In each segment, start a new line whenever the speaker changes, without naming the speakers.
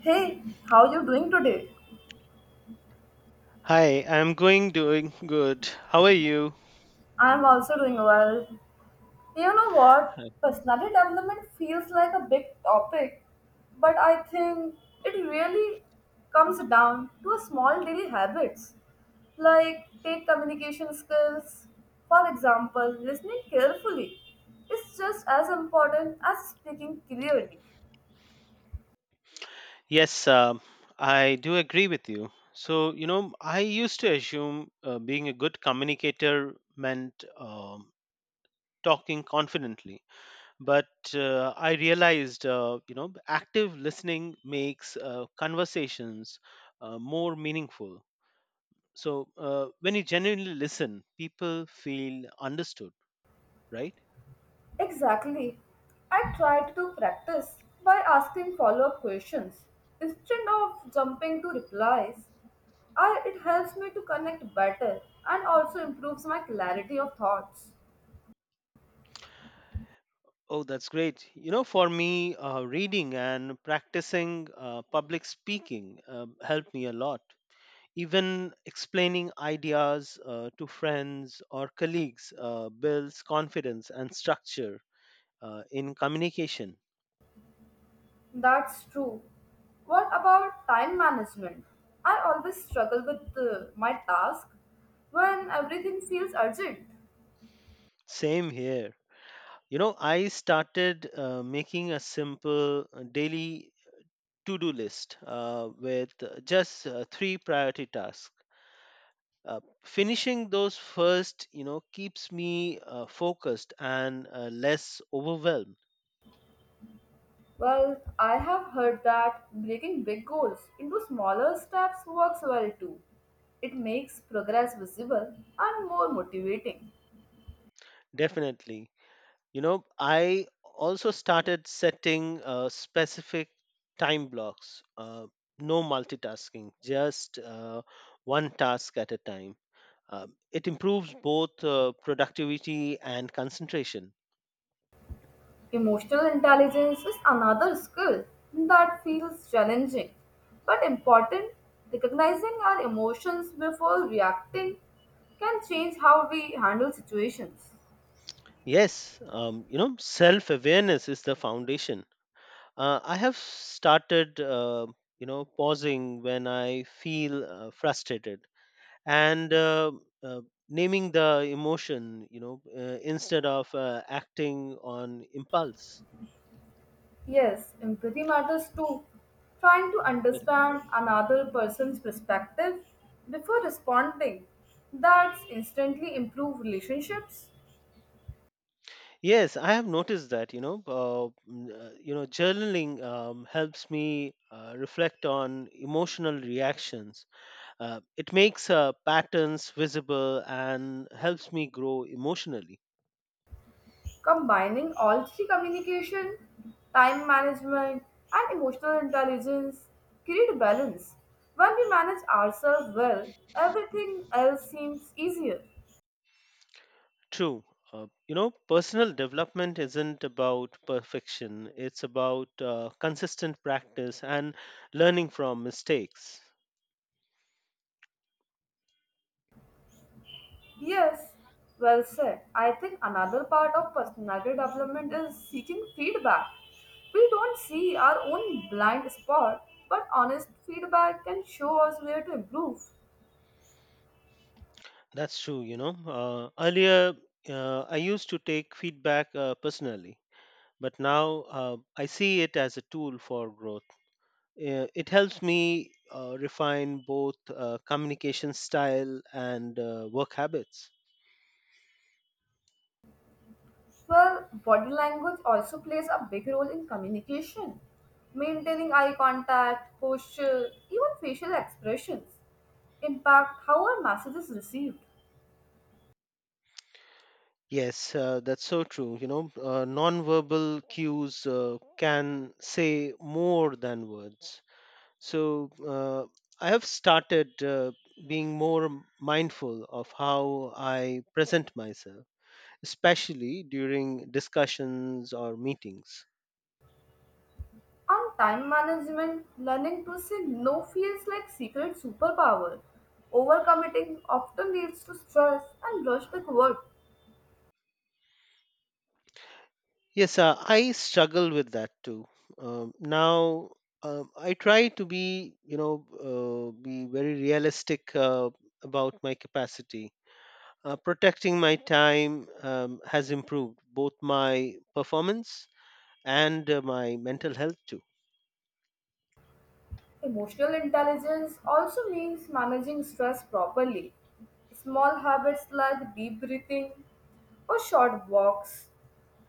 Hey, how you doing today?
Hi, I'm going doing good. How are you?
I'm also doing well. You know what? Personality development feels like a big topic, but I think it really comes down to a small daily habits. Like take communication skills. For example, listening carefully is just as important as speaking clearly.
Yes, I do agree with you. So, you know, I used to assume being a good communicator meant talking confidently, but I realized, you know, active listening makes conversations more meaningful. So, when you genuinely listen, people feel understood, right?
Exactly. I try to practice by asking follow up questions instead of jumping to replies. I, it helps me to connect better and also improves my clarity of thoughts.
Oh, that's great. You know, for me, reading and practicing public speaking helped me a lot. Even explaining ideas to friends or colleagues builds confidence and structure in communication.
That's true. What about time management? I always struggle with my task when everything feels urgent.
Same here. You know, I started making a simple daily to do list with just three priority tasks. Finishing those first, you know, keeps me focused and less overwhelmed.
Well, I have heard that breaking big goals into smaller steps works well too. It makes progress visible and more motivating.
Definitely, you know, I also started setting specific time blocks, no multitasking, just one task at a time. It improves both productivity and concentration.
Emotional intelligence is another skill that feels challenging but important. Recognizing our emotions before reacting can change how we handle situations.
Yes, you know, self awareness is the foundation. I have started, you know, pausing when I feel frustrated and uh, naming the emotion, you know, instead of acting on impulse.
Yes, empathy matters too. Trying to
Correct.
understand another person's perspective before responding. That's instantly improve relationships.
Yes, I have noticed that, you know, you know, journaling helps me reflect on emotional reactions. It makes patterns visible and helps me grow emotionally.
Combining all three communication, time management, and emotional intelligence create balance. When we manage ourselves well, everything else seems easier.
True. You know, personal development isn't about perfection, it's about consistent practice and learning from mistakes.
Yes, well said. I think another part of personality development is seeking feedback. We don't see our own blind spot, but honest feedback can show us where to improve.
That's true, you know. Earlier, I used to take feedback personally, but now I see it as a tool for growth. It helps me refine both communication style and work habits.
Well, body language also plays a big role in communication. Maintaining eye contact, posture, even facial expressions impact how our message is received.
Yes, that's so true. You know, non-verbal cues can say more than words. So I have started being more mindful of how I present myself, especially during discussions or meetings.
On time management, learning to say no feels like secret superpower. Overcommitting often leads to stress and rush to work.
Yes, I struggle with that too. Now I try to be, you know, be very realistic about my capacity. Protecting my time has improved both my performance and my mental health too.
Emotional intelligence also means managing stress properly. Small habits like deep breathing or short walks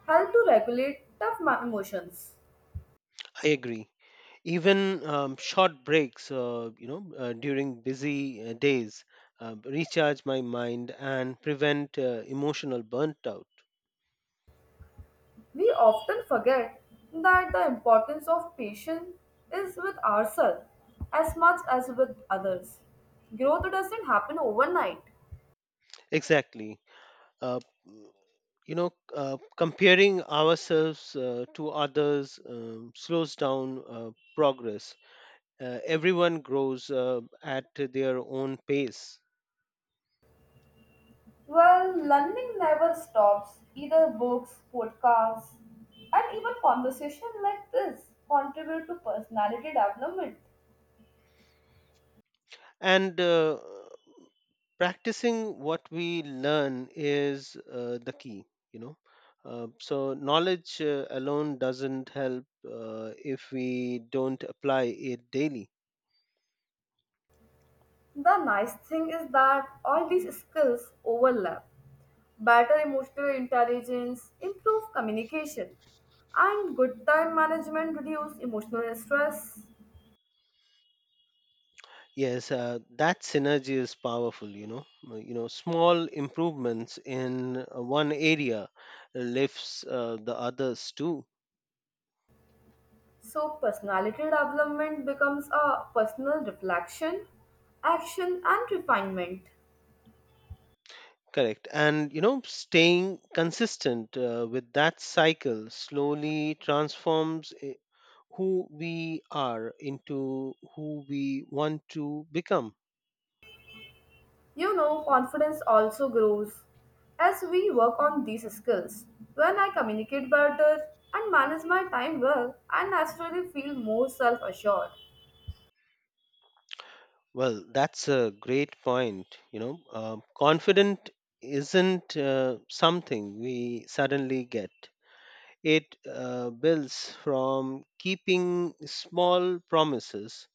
help to regulate emotions.
I agree. Even short breaks, you know, during busy days, recharge my mind and prevent emotional burnt out.
We often forget that the importance of patience is with ourselves as much as with others. Growth doesn't happen overnight.
Exactly. Uh, mm, you know, comparing ourselves to others slows down progress. Everyone grows at their own pace.
Well, learning never stops. Either books, podcasts, and even conversation like this contribute to personality development.
And practicing what we learn is the key, you know. So knowledge alone doesn't help if we don't apply it daily.
The nice thing is that all these skills overlap. Better emotional intelligence, improve communication, and good time management reduce emotional stress.
Yes, that synergy is powerful, you know. You know, small improvements in one area lifts the others too.
So, personality development becomes a personal reflection, action, and refinement.
Correct. And, you know, staying consistent with that cycle slowly transforms who we are into who we want to become.
You know, confidence also grows as we work on these skills. When I communicate better and manage my time well, I naturally feel more self assured.
Well, that's a great point. You know, confident isn't something we suddenly get, it builds from keeping small promises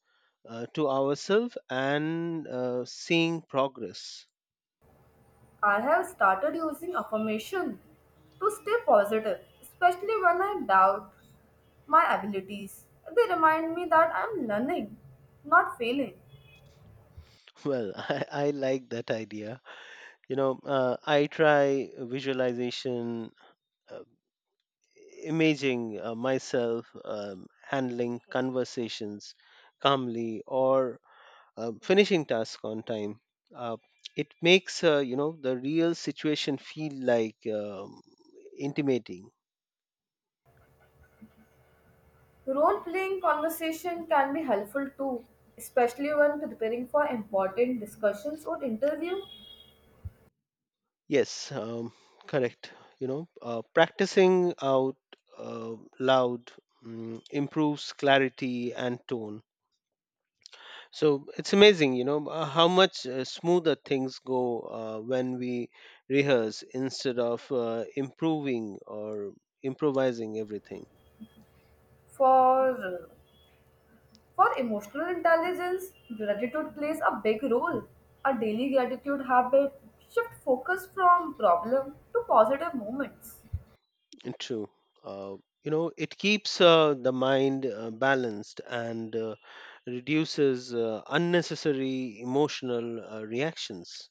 to ourselves and seeing progress.
I have started using affirmation to stay positive, especially when I doubt my abilities. They remind me that I'm learning, not failing.
Well, I like that idea. You know, I try visualization, uh, imaging myself handling conversations calmly or finishing tasks on time. Uh, it makes, you know, the real situation feel like intimating.
Role playing conversation can be helpful too, especially when preparing for important discussions or interview.
Yes, correct. You know, practicing out loud improves clarity and tone. So it's amazing, you know, how much smoother things go when we rehearse instead of improving or improvising everything.
For for emotional intelligence, gratitude plays a big role. A daily gratitude habit shift focus from problem to positive moments.
True. Uh, you know, it keeps the mind balanced and reduces unnecessary emotional reactions.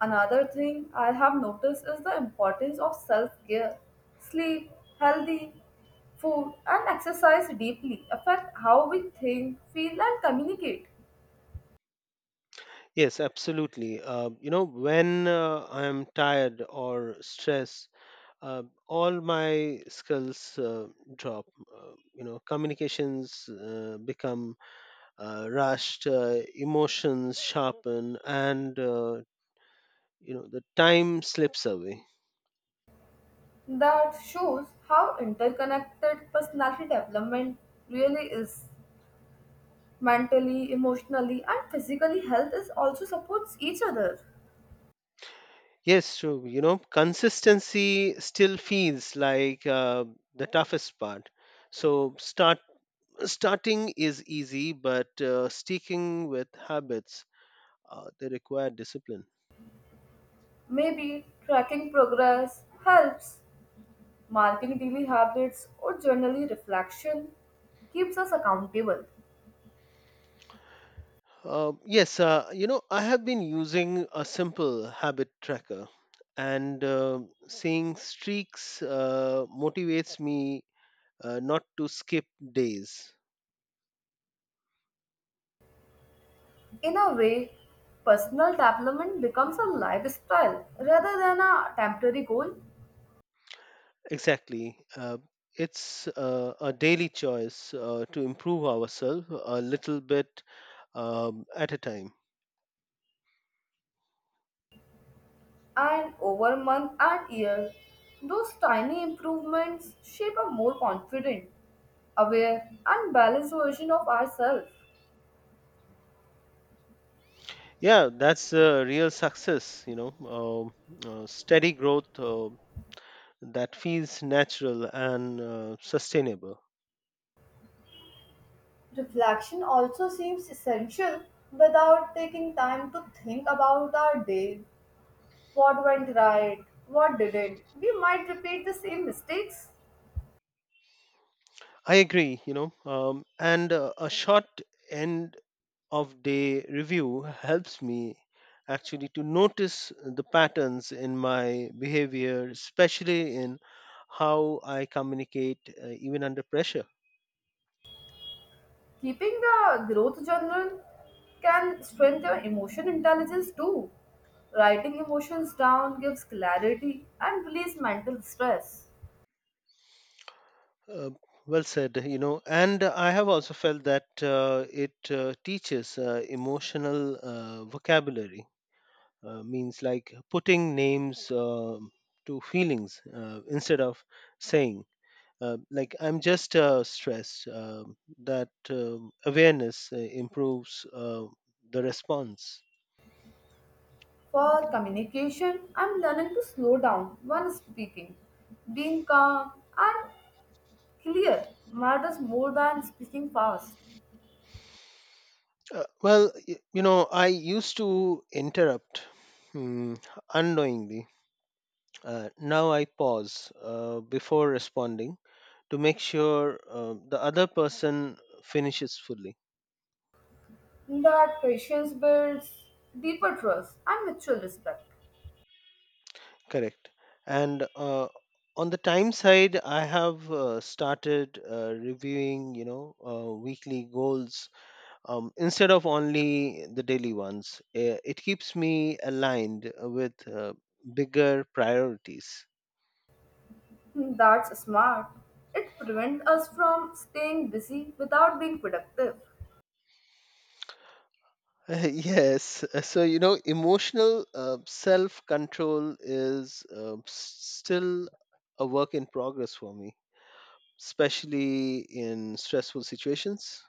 Another thing I have noticed is the importance of self care. Sleep, healthy food, and exercise deeply affect how we think, feel, and communicate.
Yes, absolutely. You know, when I'm tired or stressed, all my skills drop. You know, communications become rushed, emotions sharpen and you know, the time slips away.
That shows how interconnected personality development really is. Mentally, emotionally, and physically, health is also supports each other.
Yes, true. You know, consistency still feels like the toughest part. So starting is easy, but sticking with habits they require discipline.
Maybe tracking progress helps, marking daily habits, or journaling reflection keeps us accountable.
Yes, you know, I have been using a simple habit tracker, and seeing streaks motivates me not to skip days.
In a way, personal development becomes a lifestyle rather than a temporary goal,
Exactly. It's a daily choice to improve ourselves a little bit at a time.
and over month and year, those tiny improvements shape a more confident, aware, and balanced version of ourselves.
Yeah, that's real success, you know, um steady growth that feels natural and sustainable.
Reflection also seems essential without taking time to think about our day. What went right? What didn't? We might repeat the same mistakes.
I agree, you know, and a short end of day review helps me actually to notice the patterns in my behavior, especially in how I communicate even under pressure.
Keeping the growth journal can strengthen emotion intelligence too. Writing emotions down gives clarity and release mental stress.
Uh, well said, you know, and I have also felt that it teaches emotional vocabulary, means like putting names to feelings instead of saying like I'm just stressed. That awareness improves the response.
For communication, I'm learning to slow down when speaking. Being calm and clear matters more than speaking fast.
Well, you know, I used to interrupt hmm, unknowingly. Now I pause before responding to make sure the other person finishes fully.
That patience builds deeper trust and mutual respect.
Correct. And on the time side, I have started reviewing, you know, weekly goals instead of only the daily ones. It keeps me aligned with bigger priorities.
That's smart. It prevents us from staying busy without being productive.
Yes, so you know, emotional self control is still a work in progress for me, especially in stressful situations.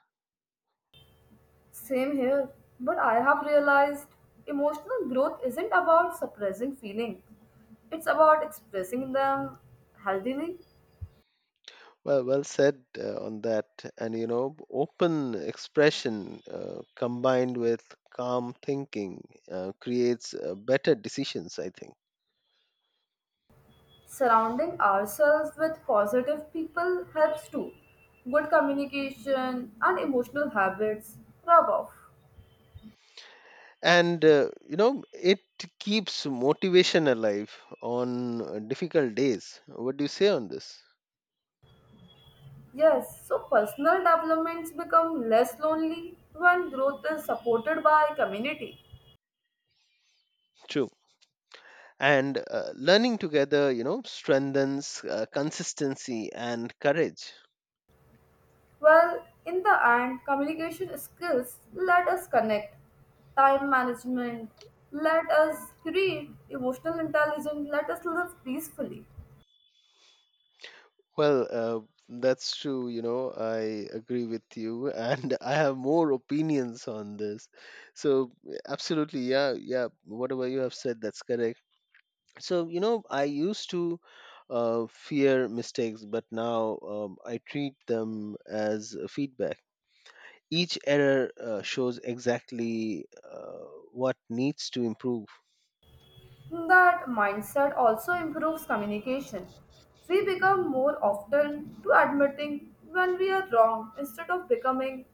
Same here, but I have realized emotional growth isn't about suppressing feelings. It's about expressing them healthily.
Well said on that. And you know, open expression combined with calm thinking creates better decisions, I think.
Surrounding ourselves with positive people helps too. Good communication and emotional habits rub off.
And you know, it keeps motivation alive on difficult days. What do you say on this?
Yes, so personal developments become less lonely when growth is supported by community.
True. And learning together, you know, strengthens consistency and courage.
Well, in the end, communication skills let us connect, time management, let us create emotional intelligence, let us live peacefully.
Well, that's true, you know. I agree with you and I have more opinions on this. So absolutely, yeah, yeah, whatever you have said, that's correct. So, you know, I used to fear mistakes but now I treat them as feedback. Each error shows exactly what needs to improve.
That mindset also improves communication. We become more often to admitting when we are wrong instead of becoming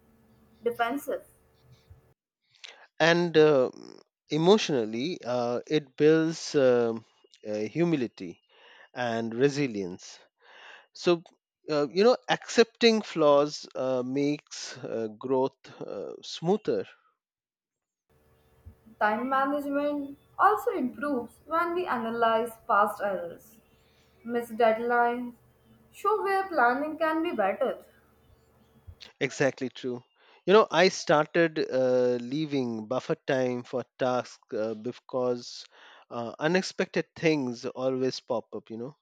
defensive.
And emotionally it builds humility and resilience. So you know, accepting flaws makes growth smoother.
Time management also improves when we analyze past errors, missed deadlines, show where planning can be better.
Exactly true. You know, I started leaving buffer time for tasks because unexpected things always pop up, you know.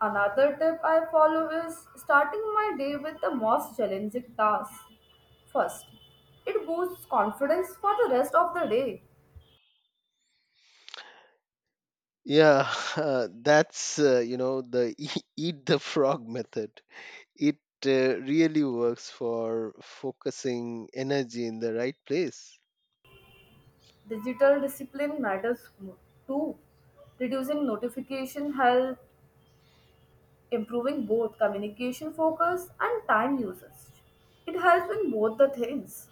Another tip I follow is starting my day with the most challenging task first. It boosts confidence for the rest of the day.
Yeah, that's, you know, the eat the frog method. It really works for focusing energy in the right place.
Digital discipline matters too. Reducing notification help, improving both communication focus and time usage. It helps in both the things,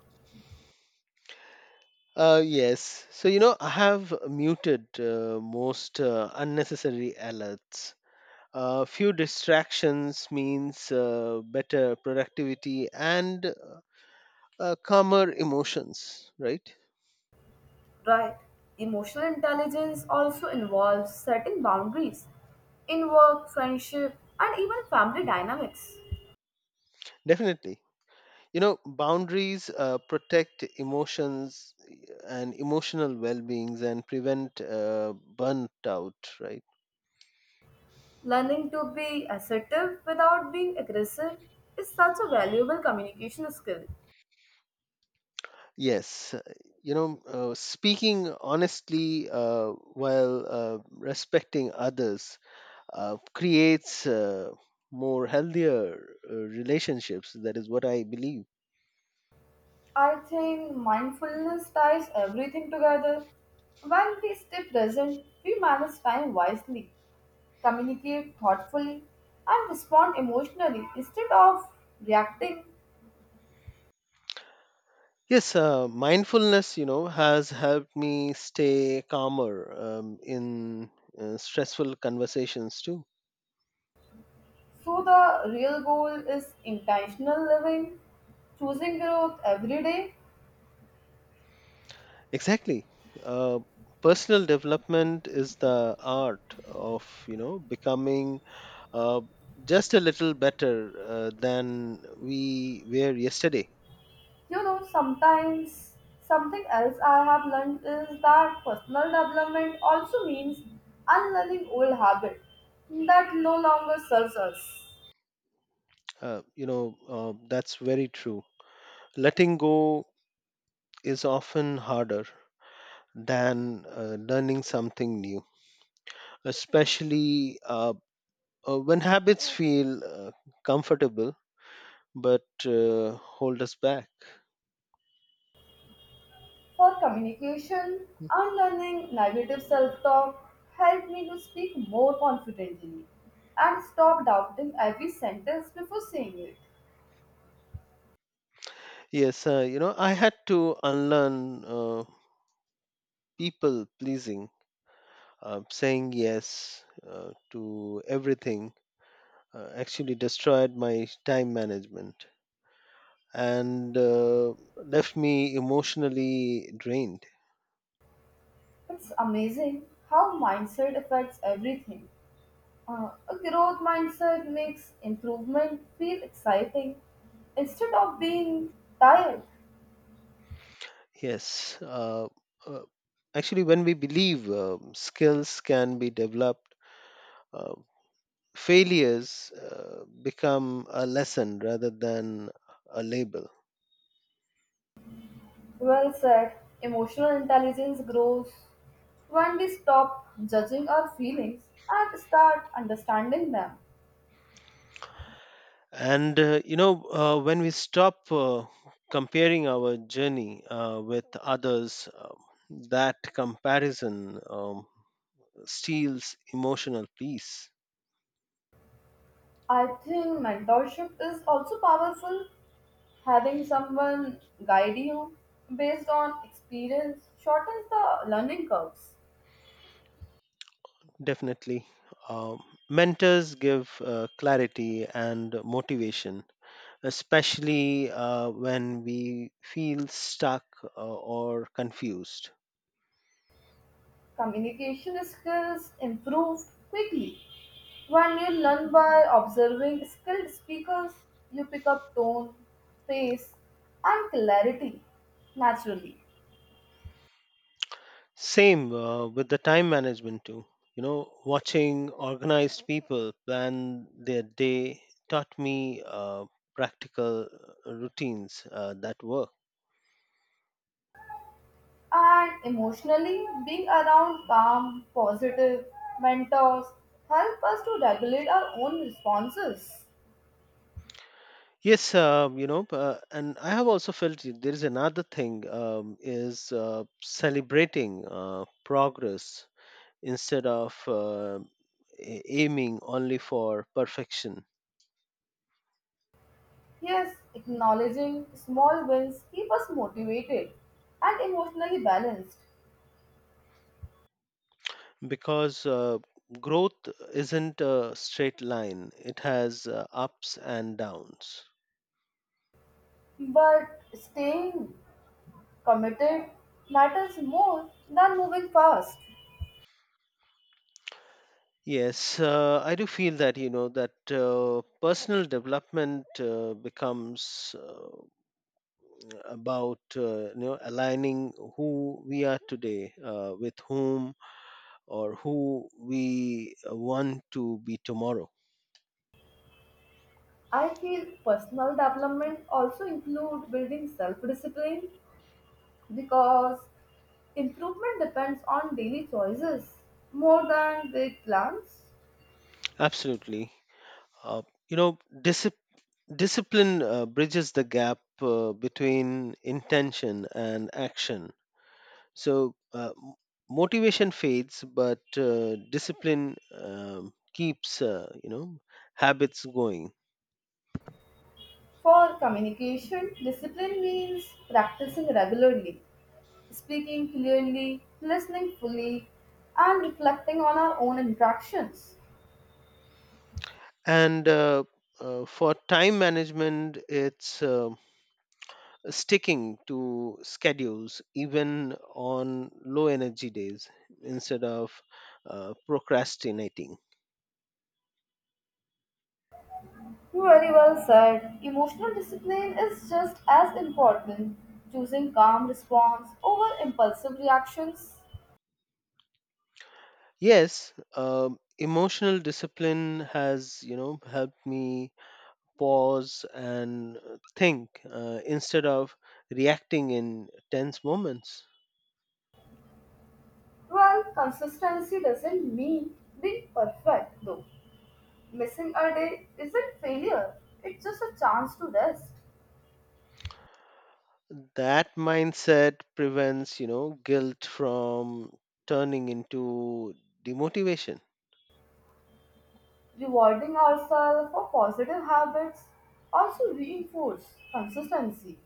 Yes. So, you know, I have muted most unnecessary alerts. Few distractions means better productivity and calmer emotions, right?
right? Emotional intelligence also involves setting boundaries in work, friendship, and even family dynamics.
Definitely, you know, boundaries protect emotions and emotional well-beings and prevent burnt out, right?
Learning to be assertive without being aggressive is such a valuable communication skill.
Yes, you know, speaking honestly while respecting others creates more healthier relationships. That is what I believe.
I think mindfulness ties everything together. When we stay present, we manage time wisely, communicate thoughtfully, and respond emotionally instead of reacting.
Yes, mindfulness, you know, has helped me stay calmer in stressful conversations too.
So, the real goal is intentional living, choosing growth every day.
Exactly. Uh, personal development is the art of, you know, becoming uh, just a little better than we were yesterday.
You know, sometimes something else I have learned is that personal development also means unlearning old habits that no longer serves us.
You know, that's very true. Letting go is often harder than learning something new, especially when habits feel comfortable but hold us back.
For communication, unlearning negative self-talk helped me to speak more confidently and stop doubting every sentence before saying it.
Yes, you know, I had to unlearn people pleasing, saying yes to everything. Actually, destroyed my time management and left me emotionally drained.
It's amazing how mindset affects everything. A growth mindset makes improvement feel exciting instead of being tired.
Yes, uh, actually, when we believe skills can be developed. Uh, failures become a lesson rather than a label.
Well said. Emotional intelligence grows when we stop judging our feelings and start understanding them.
And you know, when we stop comparing our journey with others, that comparison steals emotional peace.
I think mentorship is also powerful. Having someone guide you based on experience shortens the learning curves.
Definitely. Um, mentors give clarity and motivation, especially when we feel stuck or confused.
Communication skills improved quickly. When you learn by observing skilled speakers, you pick up tone, pace, and clarity naturally.
Same with the time management too. You know, watching organized people plan their day taught me practical routines that work.
And emotionally, being around calm, positive mentors help us to regulate our own responses.
Yes, you know, and I have also felt there is another thing is celebrating progress instead of aiming only for perfection.
Yes, acknowledging small wins keep us motivated and emotionally balanced.
Because growth isn't a straight line, it has ups and downs.
But staying committed matters more than moving fast.
Yes, I do feel that, you know, that personal development becomes about you know, aligning who we are today with whom or who we want to be tomorrow.
I feel personal development also include building self-discipline because improvement depends on daily choices more than big plans.
Absolutely. uh, you know, discipline discipline bridges the gap between intention and action. So motivation fades, but discipline keeps you know, habits going.
For communication, discipline means practicing regularly, speaking clearly, listening fully, and reflecting on our own interactions.
And for time management, it's sticking to schedules even on low energy days instead of procrastinating.
You Very well said. Emotional discipline is just as important. Choosing calm response over impulsive reactions.
Yes, emotional discipline has, you know, helped me pause and think instead of reacting in tense moments.
Well, consistency doesn't mean being perfect, though. Missing a day isn't failure, it's just a chance to rest.
That mindset prevents, you know, guilt from turning into demotivation.
Rewarding ourselves for positive habits also reinforce consistency.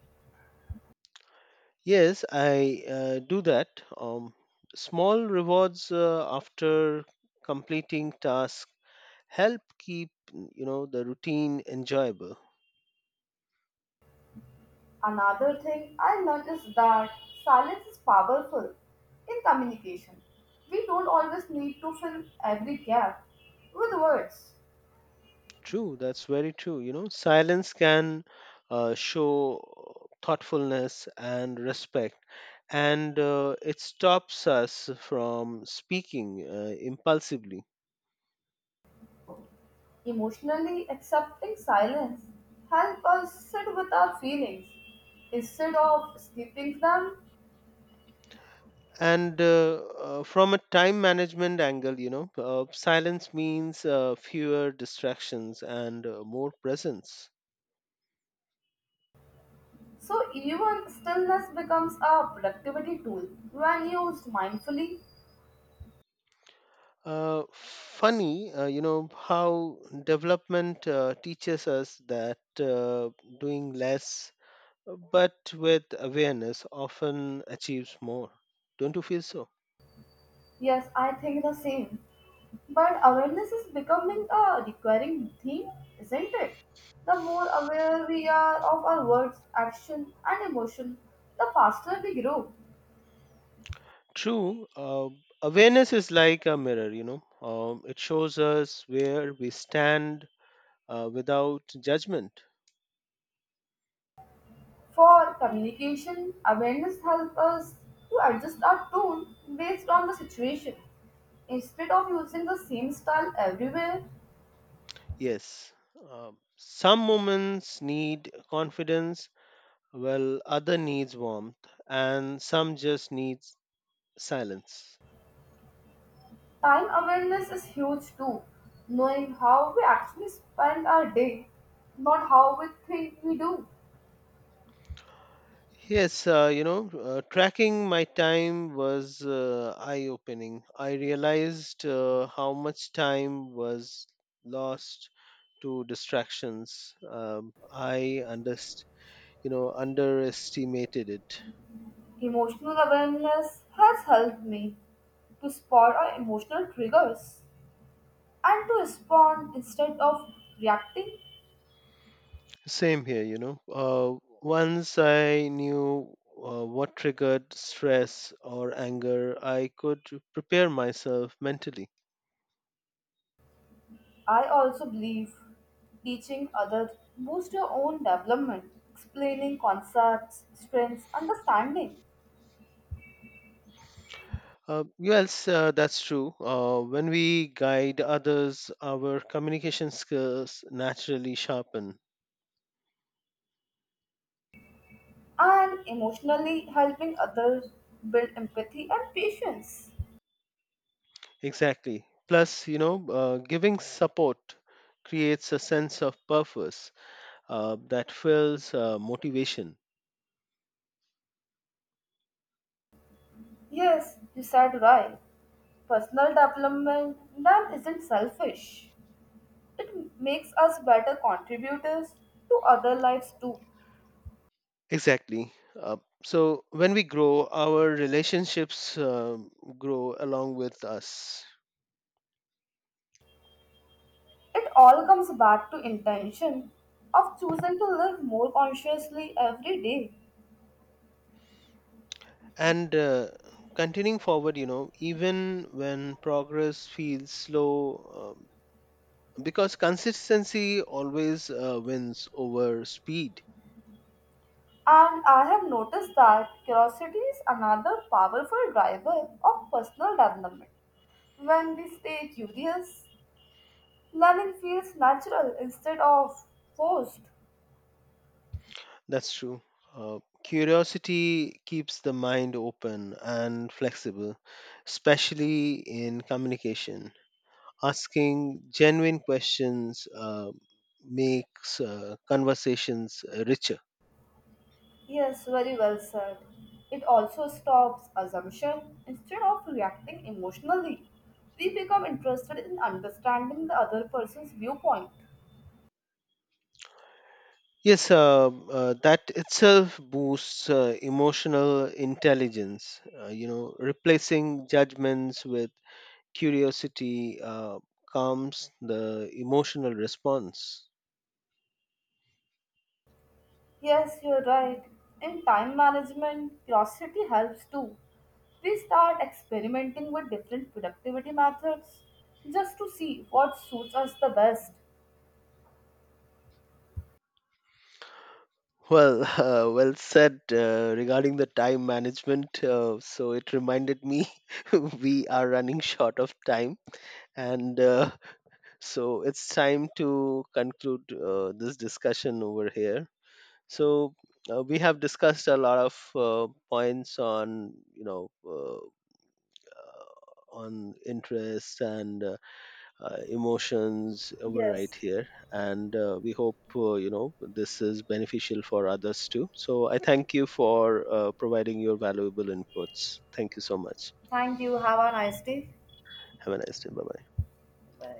Yes, I do that. um, Small rewards after completing tasks help keep, you know, the routine enjoyable.
Another thing I learned is that silence is powerful in communication. We don't always need to fill every gap with words.
That's very true. You know, silence can show thoughtfulness and respect, and it stops us from speaking impulsively.
Emotionally accepting silence helps us sit with our feelings instead of escaping them.
And from a time management angle, you know, silence means fewer distractions and more presence.
So even stillness becomes a productivity tool when used mindfully.
Funny, you know, how development teaches us that doing less but with awareness often achieves more. Don't you feel so?
Yes, I think the same. But awareness is becoming a recurring theme, isn't it? The more aware we are of our words, action, and emotion, the faster we grow.
True. Awareness is like a mirror, you know. It shows us where we stand without judgment.
For communication, awareness helps us to adjust our tone based on the situation. Instead of using the same style everywhere,
Yes, some moments need confidence while other needs warmth, and some just needs silence.
time awareness is huge too. Knowing how we actually spend our day, not how we think we do.
Yes, you know, tracking my time was eye opening. I realized how much time was lost to distractions. You know, underestimated it.
Emotional awareness has helped me to spot our emotional triggers and to respond instead of reacting.
Same here, you know. Once I knew what triggered stress or anger, I could prepare myself mentally.
I also believe teaching others boosts your own development, explaining concepts, strengths, understanding,
Yes, that's true. When we guide others, our communication skills naturally sharpen.
and emotionally helping others build empathy and patience.
Exactly. Plus, you know, giving support creates a sense of purpose that fills motivation.
Yes, you said right. Personal development then isn't selfish. It makes us better contributors to other lives too.
Exactly. Uh, so when we grow, our relationships grow along with us.
It all comes back to intention of choosing to live more consciously every day.
And continuing forward, you know, even when progress feels slow, because consistency always wins over speed.
And I have noticed that curiosity is another powerful driver of personal development. When we stay curious, learning feels natural instead of forced.
That's true. uh, Curiosity keeps the mind open and flexible, especially in communication. Asking genuine questions makes conversations richer.
Yes, very well said. It also stops assumption. Instead of reacting emotionally, we become interested in understanding the other person's viewpoint.
Yes, that itself boosts emotional intelligence, you know, replacing judgments with curiosity. Calms the emotional response.
Yes, you're right. In time management, curiosity helps too. We start experimenting with different productivity methods just to see what suits us the best.
Well, well said regarding the time management. So it reminded me we are running short of time, and so it's time to conclude this discussion over here. So we have discussed a lot of points on, you know, on interest and emotions were right
Yes,
here, and we hope you know, this is beneficial for others too. So I thank you for providing your valuable inputs. Thank you so much.
thank you. Have a nice day.
Have a nice day. Bye bye.
Bye.